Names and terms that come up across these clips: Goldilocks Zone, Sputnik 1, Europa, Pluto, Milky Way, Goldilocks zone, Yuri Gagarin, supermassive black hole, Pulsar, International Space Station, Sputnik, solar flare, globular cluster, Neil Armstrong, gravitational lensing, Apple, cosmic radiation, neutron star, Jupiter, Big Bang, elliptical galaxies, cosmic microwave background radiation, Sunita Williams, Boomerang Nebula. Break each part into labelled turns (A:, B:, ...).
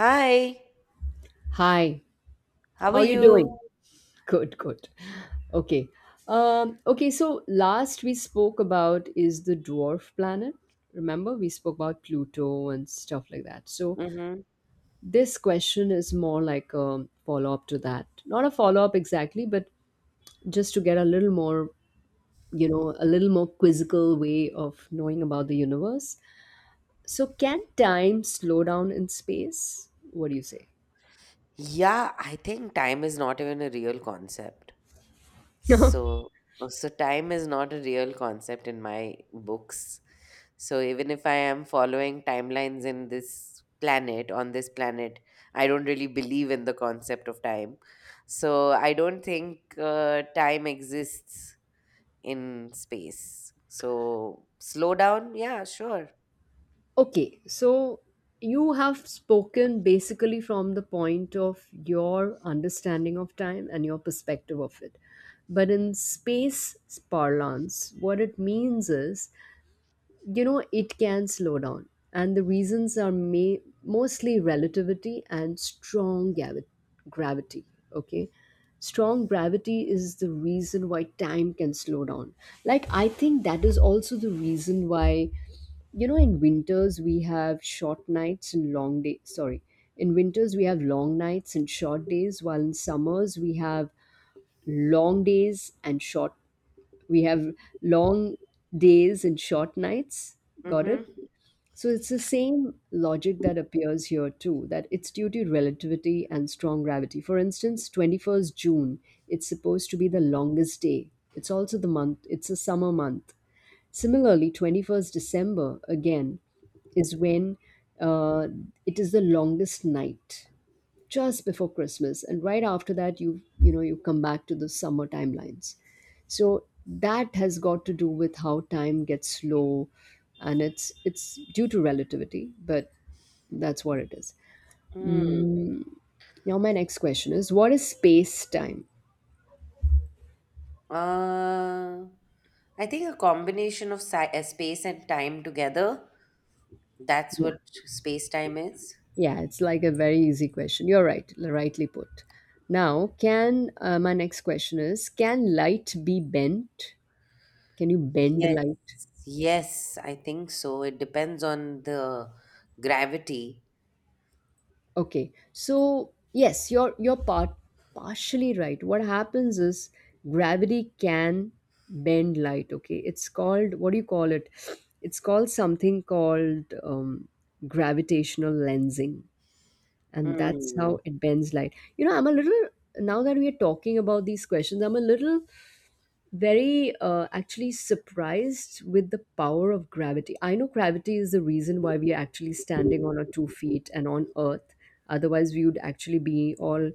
A: Hi,
B: Hi,
A: how
B: how
A: are
B: are you doing?
A: you?
B: Good, good. Okay. Okay, so last we spoke about is the dwarf planet. Remember, we spoke about Pluto and stuff like that. So
A: Mm-hmm.
B: this question is more like a follow-up to that. Not a follow-up exactly, but just to get a little more, a little more quizzical way of knowing about the universe. So can time slow down in space? What do you say?
A: Yeah, I think time is not even a real concept. So, so time is not a real concept in my books. So even if I am following timelines in this planet, I don't really believe in the concept of time. So I don't think time exists in space. So slow down, yeah, sure.
B: Okay, so you have spoken basically from the point of your understanding of time and your perspective of it. But in space parlance, what it means is, it can slow down. And the reasons are mostly relativity and strong gravity. Okay. Strong gravity is the reason why time can slow down. Like, I think that is also the reason why, you know, in winters we have short nights and long days, sorry, in winters we have long nights and short days, while in summers we have long days and short we have long days and short nights. Got
A: Mm-hmm.
B: it. So it's the same logic that appears here too, that it's due to relativity and strong gravity. For instance, 21st June, it's supposed to be the longest day. It's also the month, it's a summer month. Similarly, 21st December again is when uh, it is the longest night, just before Christmas, and right after that, you know you come back to the summer timelines. So that has got to do with how time gets slow, and it's due to relativity, but that's what it is. Now my next question is, what is space time?
A: Uh, I think a combination of space and time together. That's
B: Yeah.
A: what space time is.
B: Yeah, it's like a very easy question. You're right, rightly put. Now, can my next question is, can light be bent? Can you bend
A: Yes,
B: light?
A: yes, I think so. It depends on the gravity.
B: Okay. So, yes, you're part partially right. What happens is gravity can bend light, okay? It's called, what do you call it? It's called something called gravitational lensing, and that's
A: Hmm.
B: how it bends light. You know, I'm a little Now that we are talking about these questions, I'm a little very actually surprised with the power of gravity. I know gravity is the reason why we are actually standing on our two feet and on Earth. Otherwise, we would actually be all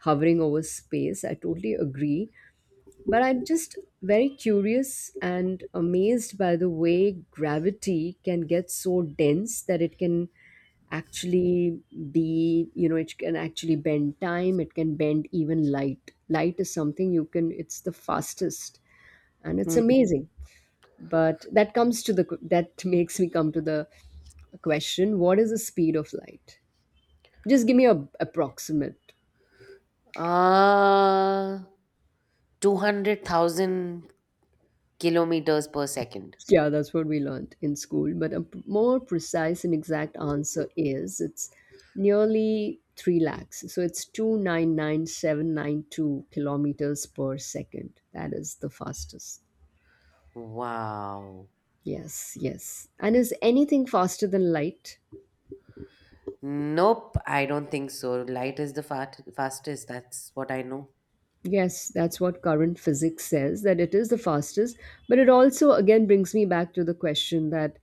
B: hovering over space. I totally agree. But I'm just very curious and amazed by the way gravity can get so dense that it can actually be you know it can actually bend time, it can bend even light. Is something you can, it's the fastest, and it's
A: Hmm.
B: amazing. But that comes to the that makes me come to the question, what is the speed of light? Just give me a approximate.
A: Uh, 200,000 kilometers per second.
B: Yeah, that's what we learned in school, but a more precise and exact answer is it's nearly 3 lakhs, so it's 299,792 kilometers per second. That is the fastest.
A: Wow.
B: Yes, yes. And is anything faster than light?
A: Nope, I don't think so. Light is the fastest. That's what I know.
B: Yes, that's what current physics says, that it is the fastest. But it also, again, brings me back to the question that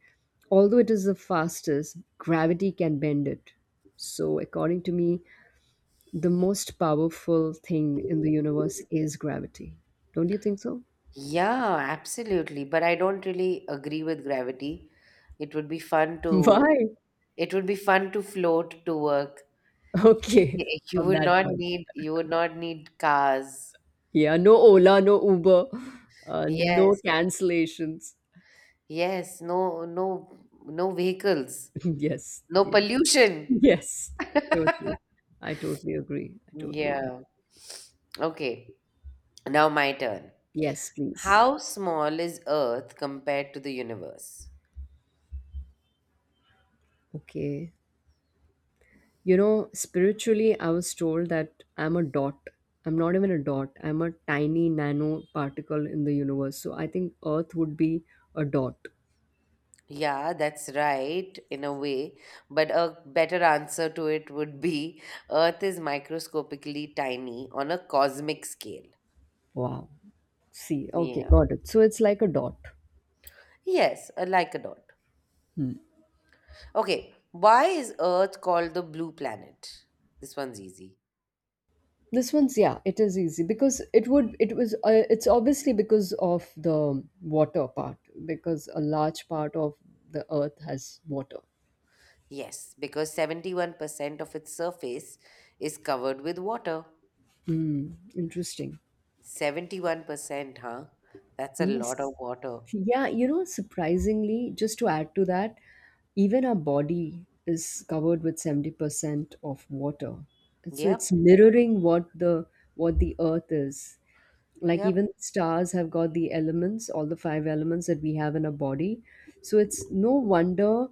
B: although it is the fastest, gravity can bend it. So, according to me, the most powerful thing in the universe is gravity. Don't you think so?
A: Yeah, absolutely. But I don't really agree with gravity. It would be fun to
B: Why?
A: it would be fun to float to work.
B: Okay,
A: You
B: from
A: would
B: that
A: not
B: point.
A: need cars.
B: Yeah, no Ola, no Uber, no
A: Yes.
B: cancellations.
A: Yes, no vehicles.
B: Yes,
A: No
B: yes,
A: pollution.
B: yes, totally. I totally agree. I totally agree.
A: Yeah. Okay. Now my turn.
B: Yes, please.
A: How small is Earth compared to the universe?
B: Okay. You know, spiritually, I was told that I'm a dot. I'm not even a dot. I'm a tiny nano particle in the universe. So I think Earth would be a dot.
A: Yeah, that's right, in a way. But a better answer to it would be Earth is microscopically tiny on a cosmic scale.
B: Wow. See, okay,
A: Yeah.
B: got it. So it's like a dot.
A: Yes, like a dot.
B: Hmm.
A: Okay, why is Earth called the blue planet? This one's easy.
B: This one's, yeah, it is easy, because it would it was it's obviously because of the water part, because a large part of the earth has water.
A: Yes, because 71% of its surface is covered with water.
B: Hmm, interesting.
A: 71%, huh? That's a lot of
B: Yes.
A: water.
B: Yeah, you know, surprisingly, just to add to that, even our body is covered with 70% of water. And so
A: Yep,
B: it's mirroring what the earth is. Like
A: yep.
B: even stars have got the elements, all the five elements that we have in our body. So it's no wonder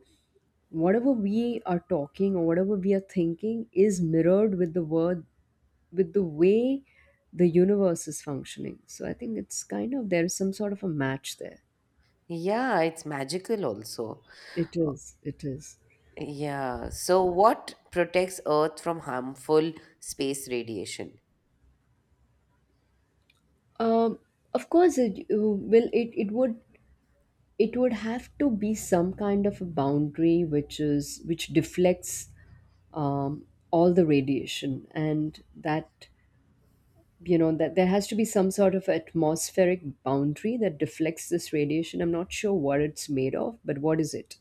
B: whatever we are talking or whatever we are thinking is mirrored with the word with the way the universe is functioning. So I think it's kind of, there is some sort of a match there.
A: Yeah, it's magical also.
B: It is. It is.
A: Yeah. So, what protects Earth from harmful space radiation?
B: Um, of course, it will. It it would have to be some kind of a boundary which is, which deflects all the radiation, and that, you know, that there has to be some sort of atmospheric boundary that deflects this radiation. I'm not sure what it's made of, but what is it?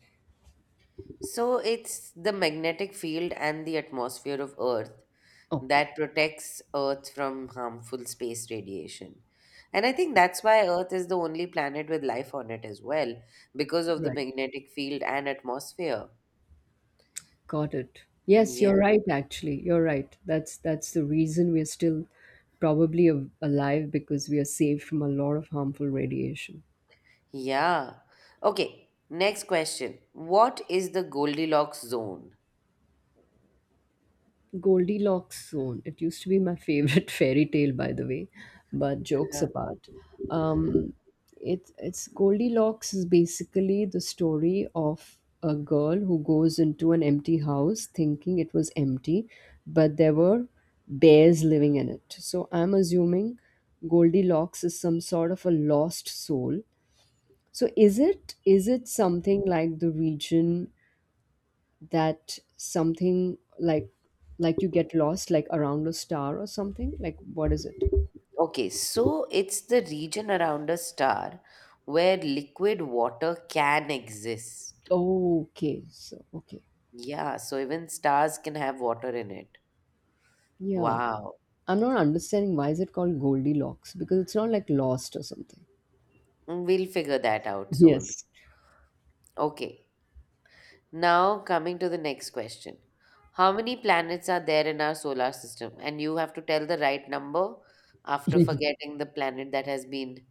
A: So, it's the magnetic field and the atmosphere of Earth that
B: Okay,
A: protects Earth from harmful space radiation. And I think that's why Earth is the only planet with life on it as well, because of the
B: right.
A: magnetic field and atmosphere.
B: Got it. Yes,
A: Yeah.
B: you're right, actually. You're right. That's the reason we're still probably alive, because we are saved from a lot of harmful radiation.
A: Yeah. Okay. Next question. What is the Goldilocks zone?
B: Goldilocks Zone. It used to be my favorite fairy tale, by the way. But jokes apart, um, it's Goldilocks is basically the story of a girl who goes into an empty house thinking it was empty, but there were bears living in it. So I'm assuming Goldilocks is some sort of a lost soul. So is it something like the region, that something like you get lost, like around a star or something, like what is it?
A: Okay, so it's the region around a star where liquid water can exist.
B: Okay, so okay,
A: Yeah, so even stars can have water in it.
B: yeah.
A: Wow.
B: I'm not understanding why is it called Goldilocks, because it's not like lost or something.
A: We'll figure that out soon.
B: Yes.
A: Okay, now coming to the next question. How many planets are there in our solar system? And you have to tell the right number after forgetting the planet that has been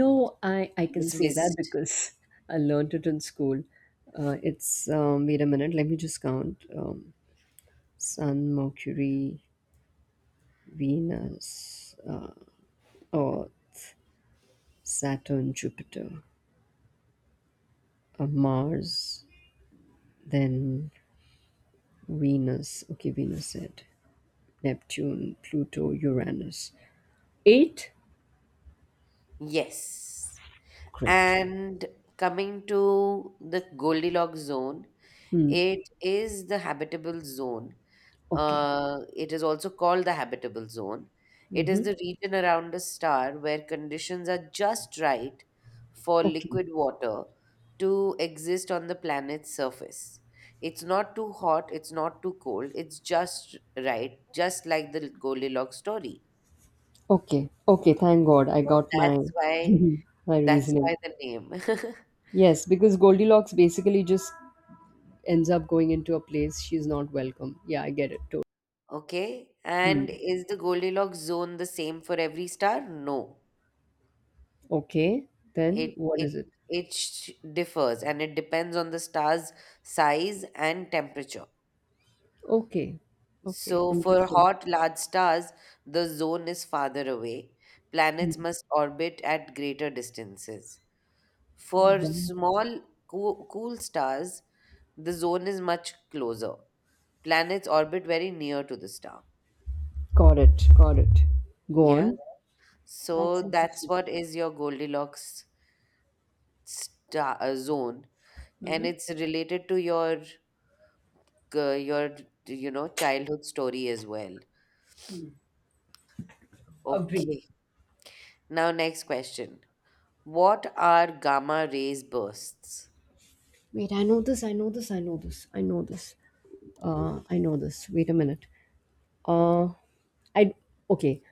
B: No, I can say that
A: dismissed.
B: because I learned it in school. It's Wait a minute, let me just count. Sun, Mercury, Venus, Earth, Saturn, Jupiter, Mars, then Venus, okay, Venus said, Neptune, Pluto, Uranus. Eight?
A: Yes.
B: Great.
A: And coming to the Goldilocks zone.
B: Hmm.
A: It is the habitable zone.
B: Okay.
A: It is also called the habitable zone. It is
B: Mm-hmm.
A: the region around a star where conditions are just right for
B: Okay.
A: liquid water to exist on the planet's surface. It's not too hot, it's not too cold, it's just right, just like the Goldilocks story.
B: Okay. Okay. Thank God I
A: So
B: got my
A: that's why
B: my
A: that's why
B: reasoning.
A: the name.
B: Yes, because Goldilocks basically just ends up going into a place she's not welcome. Yeah, I get it. Totally.
A: Okay, and
B: Hmm.
A: is the Goldilocks zone the same for every star? No.
B: Okay. Then
A: It
B: what is
A: it
B: it?
A: it differs and it depends on the star's size and temperature.
B: Okay. Okay.
A: So for
B: Interesting.
A: hot large stars, the zone is farther away.
B: Hmm.
A: Planets must orbit at greater distances. For
B: Well,
A: small cool stars, the zone is much closer. Planets orbit very near to the star.
B: got it. Got it. Go
A: Yeah.
B: on.
A: So
B: That's
A: that's
B: interesting.
A: what is your Goldilocks star zone, and it's related to your uh, your you know childhood story as well.
B: Agree.
A: Okay. Now next question. What are gamma rays bursts?
B: Wait, I know this, I know this, I know this, I know this. I know this. Wait a minute. Uh, I Okay.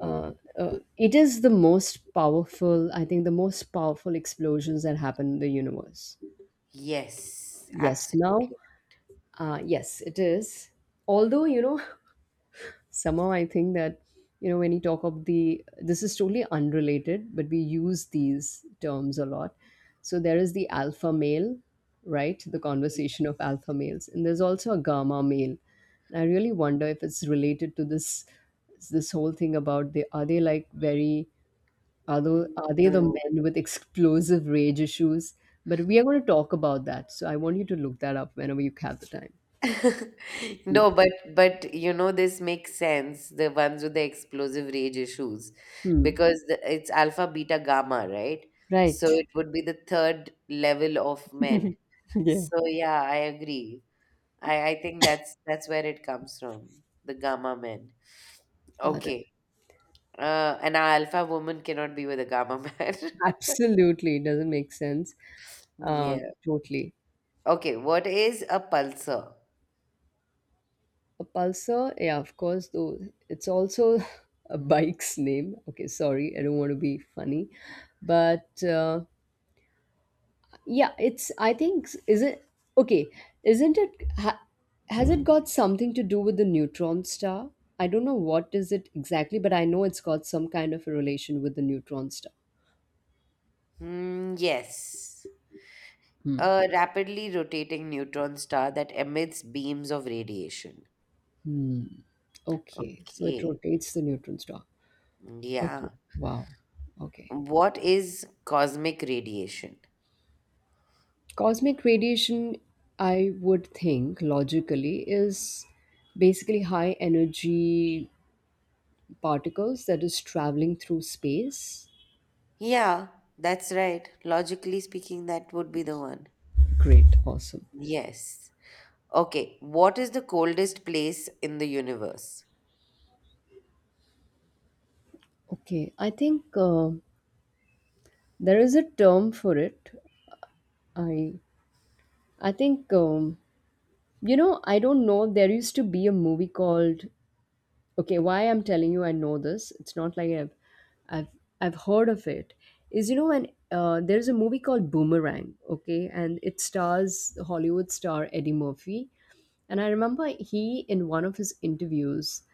B: Uh, it is the most powerful. I think the most powerful explosions that happen in the universe.
A: Yes,
B: Yes. Now,
A: absolutely.
B: yes, it is. Although, you know, somehow I think that, you know, when you talk of the, this is totally unrelated, but we use these terms a lot, so there is the alpha male, right, the conversation of alpha males, and there's also a gamma male, and I really wonder if it's related to this, this whole thing about, they are, they like very, are they,
A: Mm,
B: are they the
A: no.
B: men with explosive rage issues? But we are going to talk about that, so I want you to look that up whenever you have the time.
A: No, but you know this makes sense, the ones with the explosive rage issues,
B: Hmm.
A: because it's alpha, beta, gamma, right? So
B: Right.
A: it would be the third level of men.
B: Yeah.
A: So yeah, I agree. I think that's where it comes from. The gamma men.
B: Got it.
A: Okay. An alpha woman cannot be with a gamma man.
B: Absolutely, it doesn't make sense.
A: Yeah.
B: Totally.
A: Okay. What is a pulsar?
B: A Pulsar, yeah, of course, though it's also a bike's name. Okay, sorry, I don't want to be funny, but yeah, it's. I think, is it okay? Isn't it? Ha, has it got something to do with the neutron star? I don't know what is it exactly, but I know it's got some kind of a relation with the neutron star.
A: Hmm. Yes.
B: Hmm.
A: A rapidly rotating neutron star that emits beams of radiation.
B: Hmm. Okay, so it
A: Okay.
B: rotates the neutron star. Okay.
A: Yeah.
B: Wow. Okay.
A: What is cosmic radiation?
B: Cosmic radiation, I would think logically, is basically high energy particles that is traveling through space.
A: Yeah, that's right. Logically speaking, that would be the one.
B: Great, awesome.
A: Yes. Okay, what is the coldest place in the universe?
B: Okay, I think there is a term for it. I I think I don't know. There used to be a movie called, okay, why I'm telling you I know this, it's not like i've, I've heard of it, is, you know, when there's a movie called Boomerang, okay, and it stars Hollywood star Eddie Murphy, and I remember he, in one of his interviews,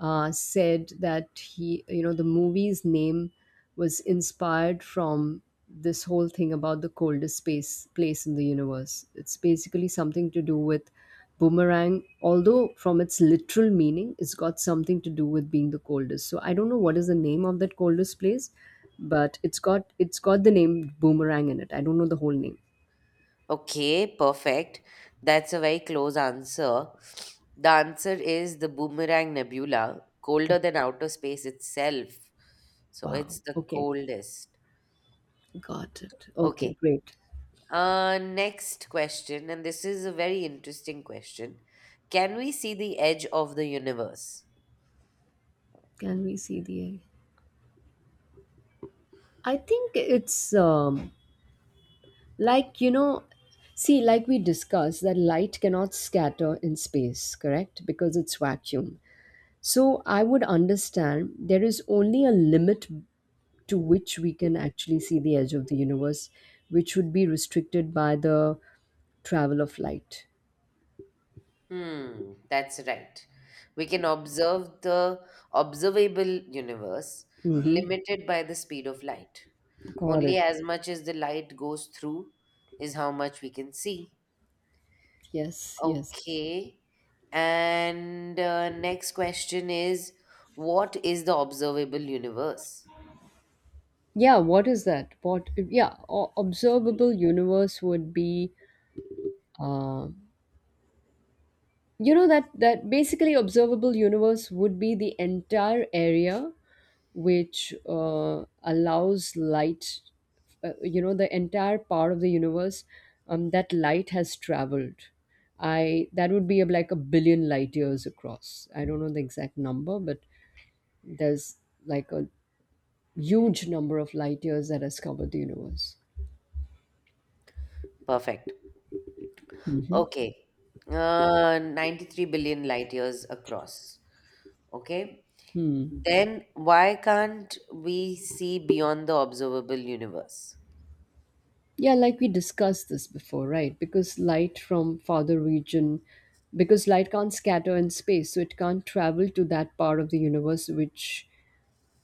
B: said that he, you know, the movie's name was inspired from this whole thing about the coldest space place in the universe. It's basically something to do with boomerang, although from its literal meaning, it's got something to do with being the coldest. So I don't know what is the name of that coldest place, but it's got the name boomerang in it. I don't know the whole name.
A: Okay, perfect. That's a very close answer. The answer is the Boomerang Nebula, colder than outer space itself. So
B: Wow.
A: it's the
B: Okay.
A: coldest.
B: Got it. Okay,
A: Okay.
B: great.
A: Next question, and this is a very interesting question. Can we see the edge of the universe?
B: Can we see the egg? I think it's, like you know see, like we discussed that light cannot scatter in space, correct, because it's vacuum. So I would understand there is only a limit to which we can actually see the edge of the universe, which would be restricted by the travel of light.
A: Hmm, that's right. We can observe the observable universe
B: Mm-hmm.
A: limited by the speed of light.
B: Got
A: Only
B: it.
A: as much as the light goes through is how much we can see.
B: Yes, yes.
A: Okay. And next question is what is the observable universe?
B: yeah what is that what yeah o- Observable universe would be uh, you know that that basically observable universe would be the entire area which allows light, the entire part of the universe that light has traveled. I That would be like a billion light years across. I don't know the exact number, but there's like a huge number of light years that has covered the universe.
A: Perfect.
B: Mhm.
A: Okay. 93 billion light years across. Okay.
B: Hmm.
A: Then why can't we see beyond the observable universe?
B: Yeah, like we discussed this before, right? Because light from farther region, because light can't scatter in space, so it can't travel to that part of the universe which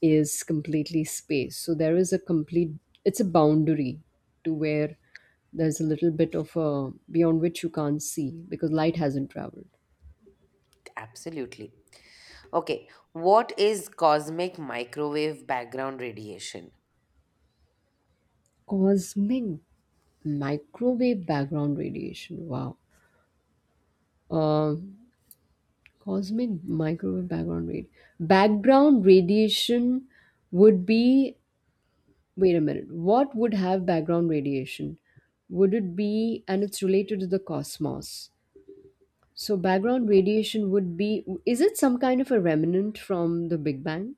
B: is completely space. So there is a complete, it's a boundary to where there's a little bit of a beyond which you can't see because light hasn't traveled.
A: Absolutely. Okay, what is cosmic microwave background radiation?
B: Cosmic microwave background radiation. Wow. Um Cosmic microwave background radiation would be, wait a minute. What would have background radiation? Would it be, and it's related to the cosmos. So background radiation would be, is it some kind of a remnant from the Big Bang?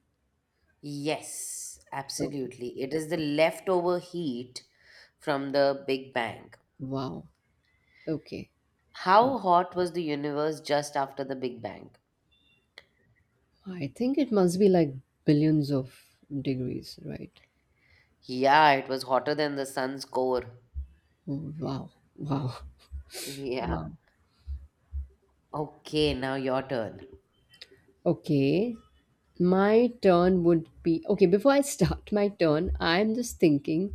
A: Yes,
B: Okay.
A: absolutely. It is the leftover heat from the Big Bang.
B: Wow. Okay. Wow.
A: How hot was the universe just after the Big Bang?
B: I think it must be like billions of degrees, right?
A: Yeah, it was hotter than the sun's core.
B: Wow. Wow.
A: Yeah.
B: Wow.
A: Okay, now your turn.
B: Okay. My turn would be, okay. Before I start my turn, I'm just thinking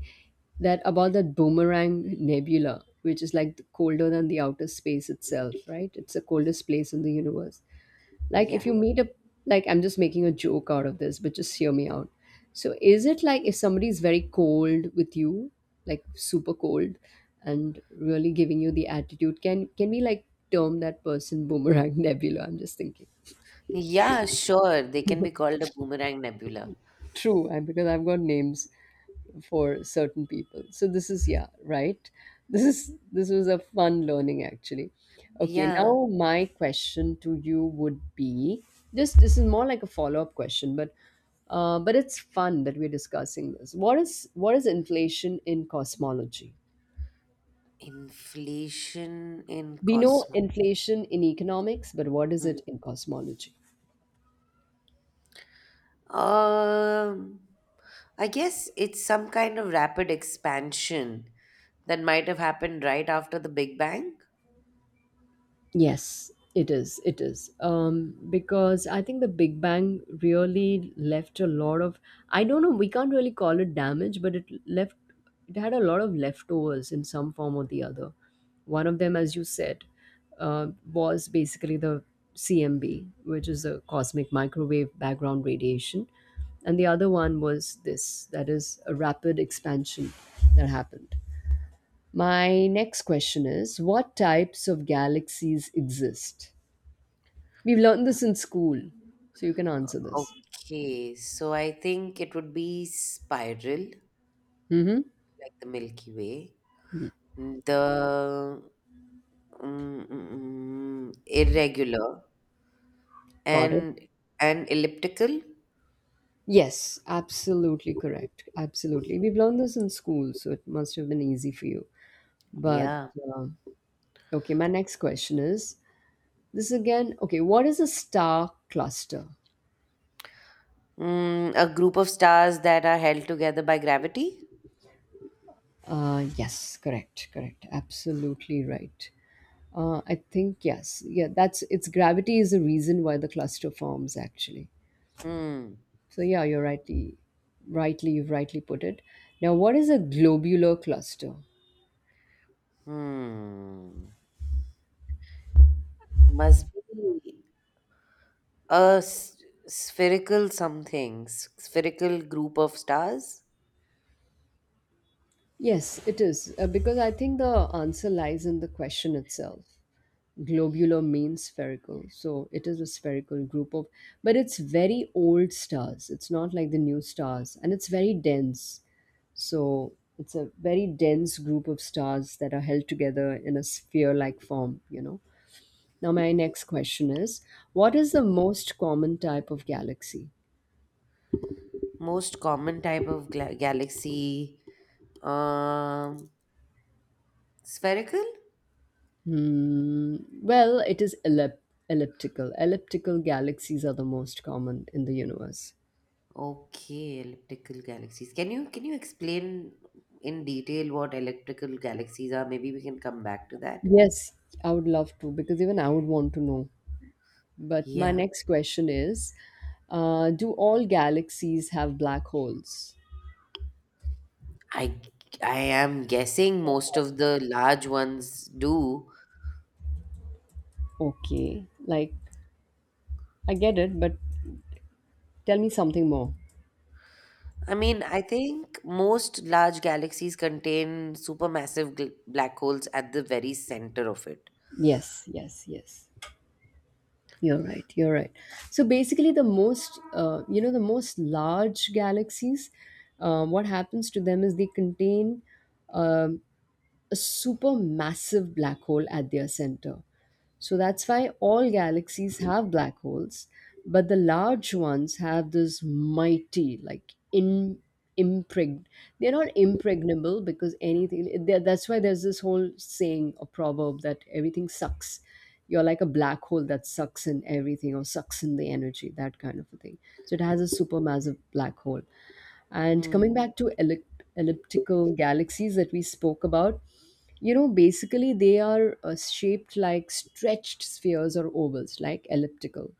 B: that about that boomerang nebula, which is like colder than the outer space itself, right? It's the coldest place in the universe. Like,
A: Yeah.
B: if you meet a, like, I'm just making a joke out of this, but just hear me out. So, is it like if somebody is very cold with you, like super cold, and really giving you the attitude, can we like term that person boomerang nebula? I'm just thinking.
A: Yeah, sure. They can be called a boomerang nebula.
B: True, I because I've got names for certain people, so this is, yeah, right, this is this was a fun learning actually. Okay, now
A: Yeah.
B: my question to you would be, just this is more like a follow-up question, but it's fun that we're discussing this. What is inflation in cosmology?
A: Inflation in
B: We know
A: Cosmo.
B: inflation in economics, but what is
A: Hmm.
B: it in cosmology?
A: Um, I guess it's some kind of rapid expansion that might have happened right after the Big Bang.
B: Yes, it is. It is. Because I think the Big Bang really left a lot of, I don't know, we can't really call it damage, but it left, it had a lot of leftovers in some form or the other. One of them, as you said, was basically the CMB, which is the cosmic microwave background radiation. And the other one was this, that is a rapid expansion that happened. My next question is, what types of galaxies exist? We've learned this in school, so you can answer this.
A: Okay, so I think it would be spiral,
B: Mm-hmm.
A: like the Milky Way, the mm, mm, mm, irregular
B: Got it.
A: and and elliptical.
B: Yes, absolutely correct. Absolutely. We've learned this in school, so it must have been easy for you. But
A: Yeah.
B: uh, okay, my next question is this again. Okay, what is a star cluster?
A: Mm, a group of stars that are held together by gravity.
B: Yes, correct, correct. Absolutely right. I think yes. Yeah, that's it's gravity is the reason why the cluster forms actually.
A: Hmm.
B: So yeah, you're rightly, you've rightly put it. Now, what is a globular cluster?
A: Hmm. Must be a spherical something, spherical group of stars.
B: Yes, it is, because I think the answer lies in the question itself. Globular means spherical, so it is a spherical group of, but it's very old stars. It's not like the new stars, and it's very dense. So it's a very dense group of stars that are held together in a sphere-like form, you know. Now, my next question is: what is the most common type of galaxy?
A: Most common type of galaxy. Um, spherical?
B: Hmm. Well, it is elliptical. Elliptical galaxies are the most common in the universe.
A: Okay, elliptical galaxies. Can you explain in detail what elliptical galaxies are? Maybe we can come back to that.
B: Yes, I would love to, because even I would want to know. But my
A: Yeah,
B: next question is, do all galaxies have black holes?
A: I I am guessing most of the large ones do.
B: Okay, like, I get it, but tell me something more.
A: I mean, I think most large galaxies contain supermassive black holes at the very center of it.
B: Yes, yes, yes. You're right. You're right. So basically, the most large galaxies, what happens to them is they contain, um a super massive black hole at their center. So that's why all galaxies have black holes, but the large ones have this mighty, like, in impreg. They're not impregnable because anything. They that's why there's this whole saying or proverb that everything sucks. You're like a black hole that sucks in everything or sucks in the energy, that kind of a thing. So it has a supermassive black hole. And
A: Hmm.
B: coming back to elliptical galaxies that we spoke about, you know, basically they are, shaped like stretched spheres or ovals, like elliptical.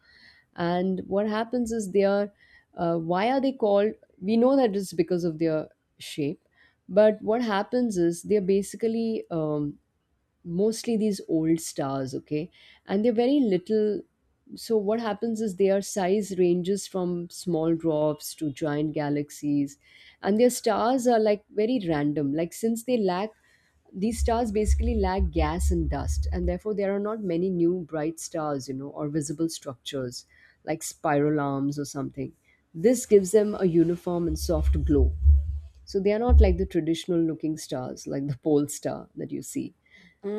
B: And what happens is they are, why are they called? We know that it's because of their shape, but what happens is they are basically mostly these old stars, okay? And they're very little. So, what happens is their size ranges from small dwarfs to giant galaxies, and their stars are like very random. Like, since they lack, these stars basically lack gas and dust, and therefore there are not many new bright stars, you know, or visible structures like spiral arms or something. This gives them a uniform and soft glow. So they are not like the traditional looking stars, like the pole star that you see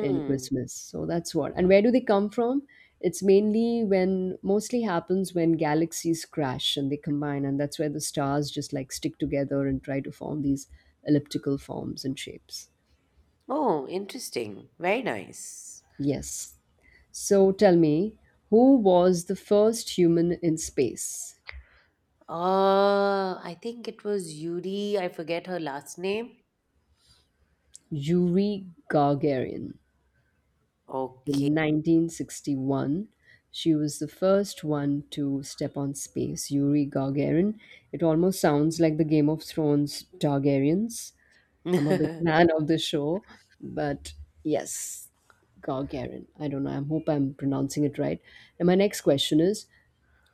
B: and Christmas. So that's what. And where do they come from? It's mainly when, mostly happens when galaxies crash and they combine, and that's where the stars just like stick together and try to form these elliptical forms and shapes.
A: Oh, interesting. Very nice.
B: Yes. So tell me, who was the first human in space?
A: I think it was Yuri. I forget her last name.
B: Yuri Gagarin.
A: Okay.
B: In 1961, she was the first one to step on space, Yuri Gagarin. It almost sounds like the Game of Thrones Targaryens. I'm a big fan of the show, but yes, Gagarin. I don't know. I hope I'm pronouncing it right. And my next question is,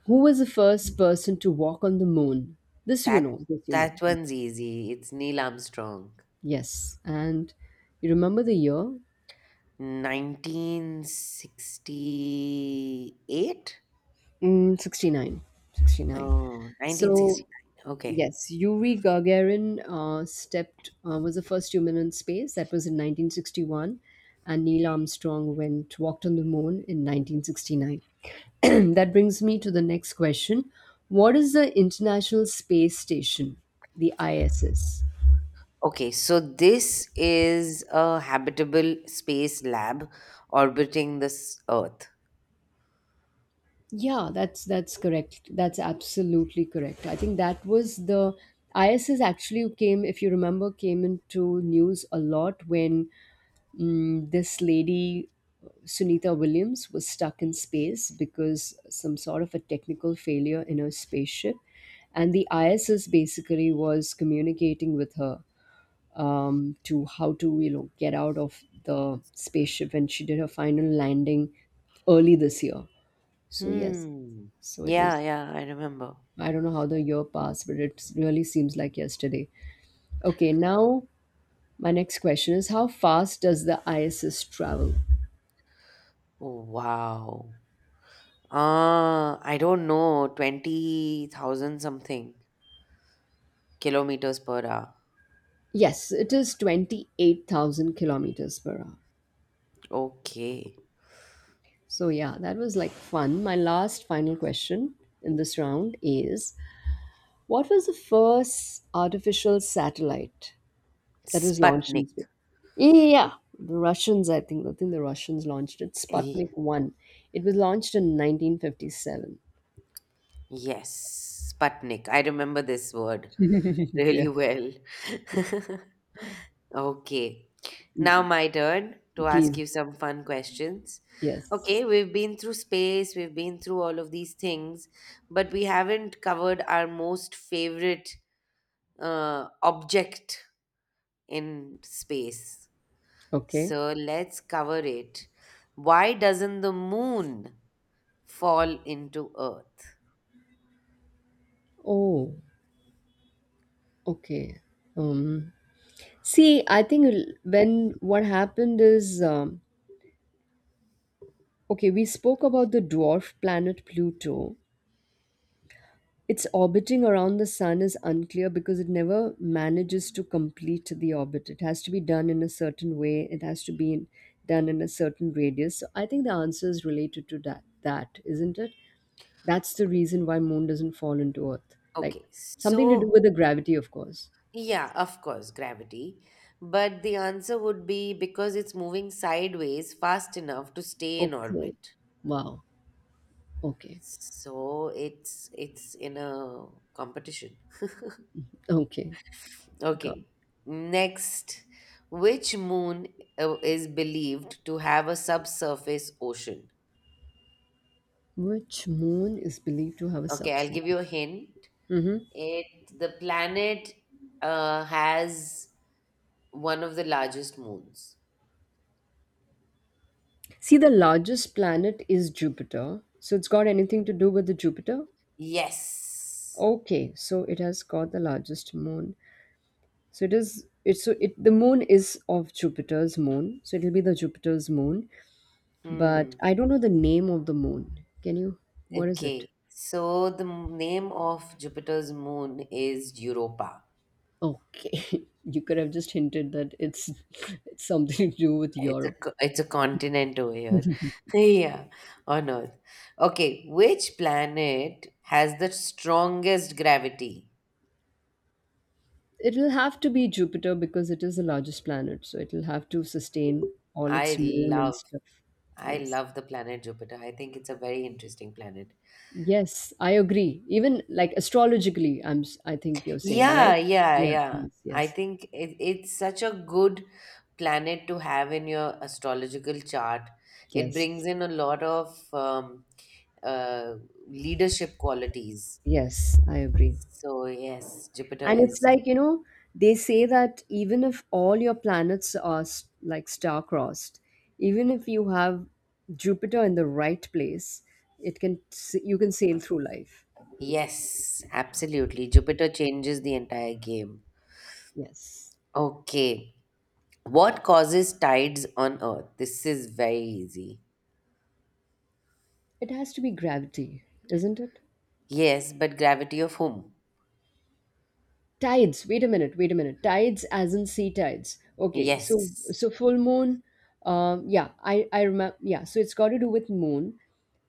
B: who was the first person to walk on the moon? This you
A: that
B: know, this you know.
A: that one's easy. It's Neil Armstrong.
B: Yes. And you remember the year?
A: 1968?
B: Mm, 69. 69.
A: Oh, nineteen
B: So
A: sixty-nine. Okay.
B: yes, Yuri Gagarin stepped was the first human in space. That was in 1961, and Neil Armstrong went walked on the moon in 1969. That brings me to the next question: what is the International Space Station, the ISS?
A: Okay, so this is a habitable space lab orbiting this Earth.
B: Yeah, that's correct. That's absolutely correct. I think that was the, ISS actually came, if you remember, came into news a lot when, mm, this lady Sunita Williams was stuck in space because some sort of a technical failure in her spaceship, and the ISS basically was communicating with her, to how to, you know, get out of the spaceship, and she did her final landing early this year. So yes,
A: Hmm.
B: so it
A: Yeah,
B: was.
A: yeah, I remember.
B: I don't know how the year passed, but it really seems like yesterday. Okay, now my next question is: how fast does the ISS travel?
A: Oh, wow. Ah, I don't know, 20,000 something kilometers per hour.
B: Yes, it is 28,000 kilometers per hour.
A: Okay.
B: So, yeah, that was like fun. My last final question in this round is, what was the first artificial satellite that was launched in space?
A: Sputnik.
B: Yeah, yeah, yeah, the Russians, I think. I think the Russians launched it,
A: Eh,
B: Sputnik 1. It was launched in 1957.
A: yes, Sputnik. I remember this word
B: Yeah.
A: really well. Okay. Now my turn to ask
B: Please.
A: you some fun questions.
B: Yes.
A: Okay, we've been through space, we've been through all of these things, but we haven't covered our most favorite object in space.
B: Okay.
A: So let's cover it. Why doesn't the moon fall into Earth?
B: Oh, okay. Um, see, I think l- when what happened is, okay, we spoke about the dwarf planet Pluto. Its orbiting around the sun is unclear because it never manages to complete the orbit. It has to be done in a certain way, it has to be in, done in a certain radius. So I think the answer is related to that, isn't it? That's the reason why moon doesn't fall into earth. Like
A: Okay,
B: something to do
A: so
B: with the gravity, of course.
A: yeah, of course, gravity. But the answer would be because it's moving sideways fast enough to stay in
B: Okay.
A: orbit.
B: Wow. Okay.
A: So it's in a competition.
B: Okay. God.
A: Okay. Next, which moon is believed to have a subsurface ocean?
B: Which moon is believed to have a
A: Okay, I'll give
B: subsurface?
A: you a hint.
B: Mm-hmm.
A: It The planet has one of the largest moons.
B: See, the largest planet is Jupiter. So it's got anything to do with the Jupiter?
A: Yes.
B: Okay, so it has got the largest moon. So it is it's so it the moon is of Jupiter's moon. So it'll be the Jupiter's moon. But
A: Hmm.
B: I don't know the name of the moon. Can you, what is it?
A: Okay, so the name of Jupiter's moon is Europa.
B: Okay. You could have just hinted that it's it's something to do with
A: It's a
B: Europe.
A: it's a continent over here. Yeah, on Earth. Okay, which planet has the strongest gravity?
B: It'll have to be Jupiter because it is the largest planet, so it'll have to sustain all
A: I
B: its moon and
A: love
B: stuff.
A: I
B: Yes.
A: love the planet Jupiter. I think it's a very interesting planet.
B: Yes, I agree. Even like astrologically, I think you're saying, right?
A: Yeah, yeah,
B: Yeah,
A: yeah.
B: yes, yes.
A: It's such a good planet to have in your astrological chart. It
B: Yes.
A: brings in a lot of uh, leadership qualities.
B: Yes, I agree.
A: So, yes, Jupiter
B: And it's
A: is.
B: like, you know, they say that even if all your planets are like star-crossed, even if you have Jupiter in the right place, you can sail through life.
A: Yes, absolutely. Jupiter changes the entire game.
B: Yes.
A: Okay. What causes tides on Earth? This is very easy.
B: It has to be gravity, isn't it?
A: Yes, but gravity of whom?
B: Tides. Wait a minute. Wait a minute. Tides, as in sea tides. Okay. So
A: Yes.
B: so full moon. Yeah. I remember. Yeah. So it's got to do with moon.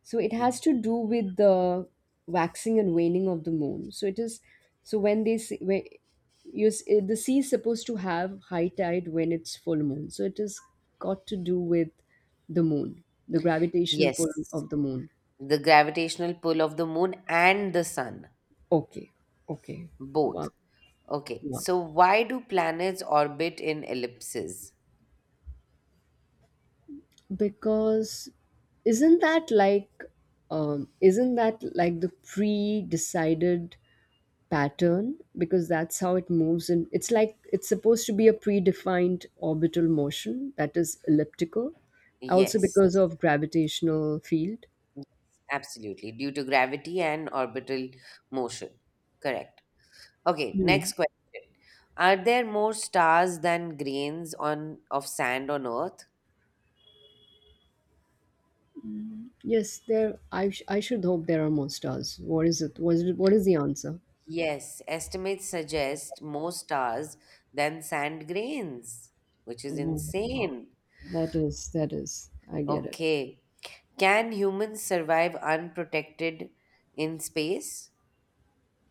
B: So it
A: Ye-
B: has to do with the waxing and waning of the moon. So it is. So when they see when you the sea is supposed to have high tide when it's full moon. So it has got to do with the moon, the gravitational pull
A: Yes,
B: of the moon.
A: the gravitational pull of the moon and the sun
B: Okay. Okay.
A: both.
B: Wow.
A: Okay,
B: Wow.
A: so why do planets orbit in ellipses?
B: Because isn't that like, isn't that like the pre-decided pattern, because that's how it moves and it's like it's supposed to be a predefined orbital motion that is elliptical, also
A: Yes,
B: because of gravitational field.
A: absolutely, due to gravity and orbital motion. Correct. Okay,
B: Hmm.
A: next question. Are there more stars than grains on of sand on earth?
B: Yes, there, I should hope there are more stars. What is the answer?
A: Yes, estimates suggest more stars than sand grains, which is
B: Oh,
A: insane.
B: that is, I get it.
A: Okay. Can humans survive unprotected in space?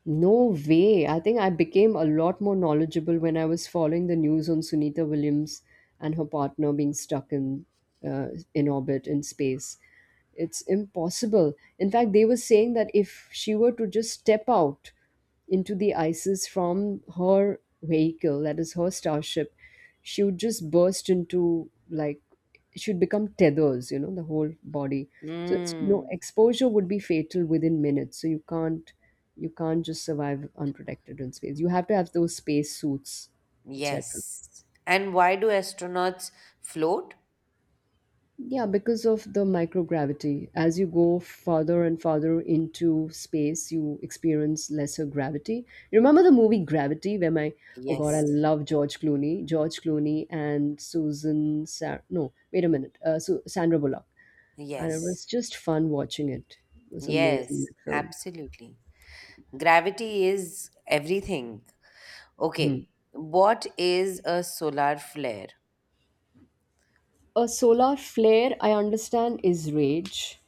B: No way. I think I became a lot more knowledgeable when I was following the news on Sunita Williams and her partner being stuck in, in orbit in space. It's impossible. In fact, they were saying that if she were to just step out into the ISIS from her vehicle, that is her starship, she would just burst into like, she would become tethers, you know, the whole body. So it's, no
A: Mm,
B: exposure would be fatal within minutes. So you can't, just survive unprotected in space. You have to have those space suits, etc.
A: yes. And why do astronauts float?
B: Yeah, because of the microgravity. As you go farther and farther into space, you experience lesser gravity. You remember the movie Gravity, where my, oh god, I
A: Yes.
B: love George Clooney, and Susan, Sa- no, wait a minute, Su- Sandra Bullock, and it
A: Yes.
B: was just fun watching it. It was amazing
A: Yes.
B: that film.
A: Absolutely. Gravity is everything.
B: Hmm.
A: Okay. What is a solar flare?
B: A solar flare, I understand, is rage,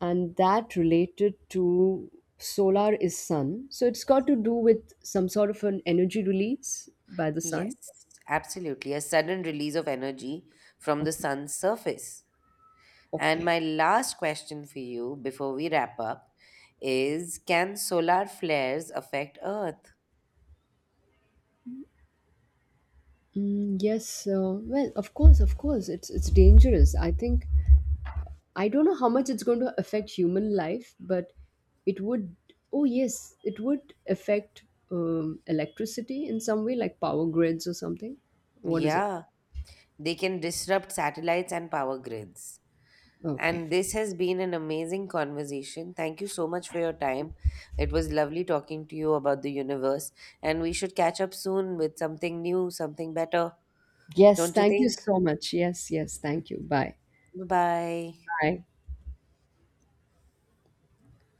B: and that related to solar is sun. So it's got to do with some sort of an energy release by the sun.
A: Yes. Absolutely. A sudden release of energy from the
B: Okay.
A: sun's surface. And
B: Okay.
A: my last question for you before we wrap up is can solar flares affect Earth?
B: Mm, yes. Well, of course, it's dangerous. I think I don't know how much it's going to affect human life, but it would. Oh yes, it would affect, electricity in some way, like power grids or something. What is it?
A: Yeah, they can disrupt satellites and power grids.
B: Okay.
A: And this has been an amazing conversation. Thank you so much for your time. It was lovely talking to you about the universe. And we should catch up soon with something new, something better.
B: Yes,
A: Don't you
B: thank you
A: think?
B: so much. Yes, yes, thank you. Bye.
A: Bye bye.
B: Bye.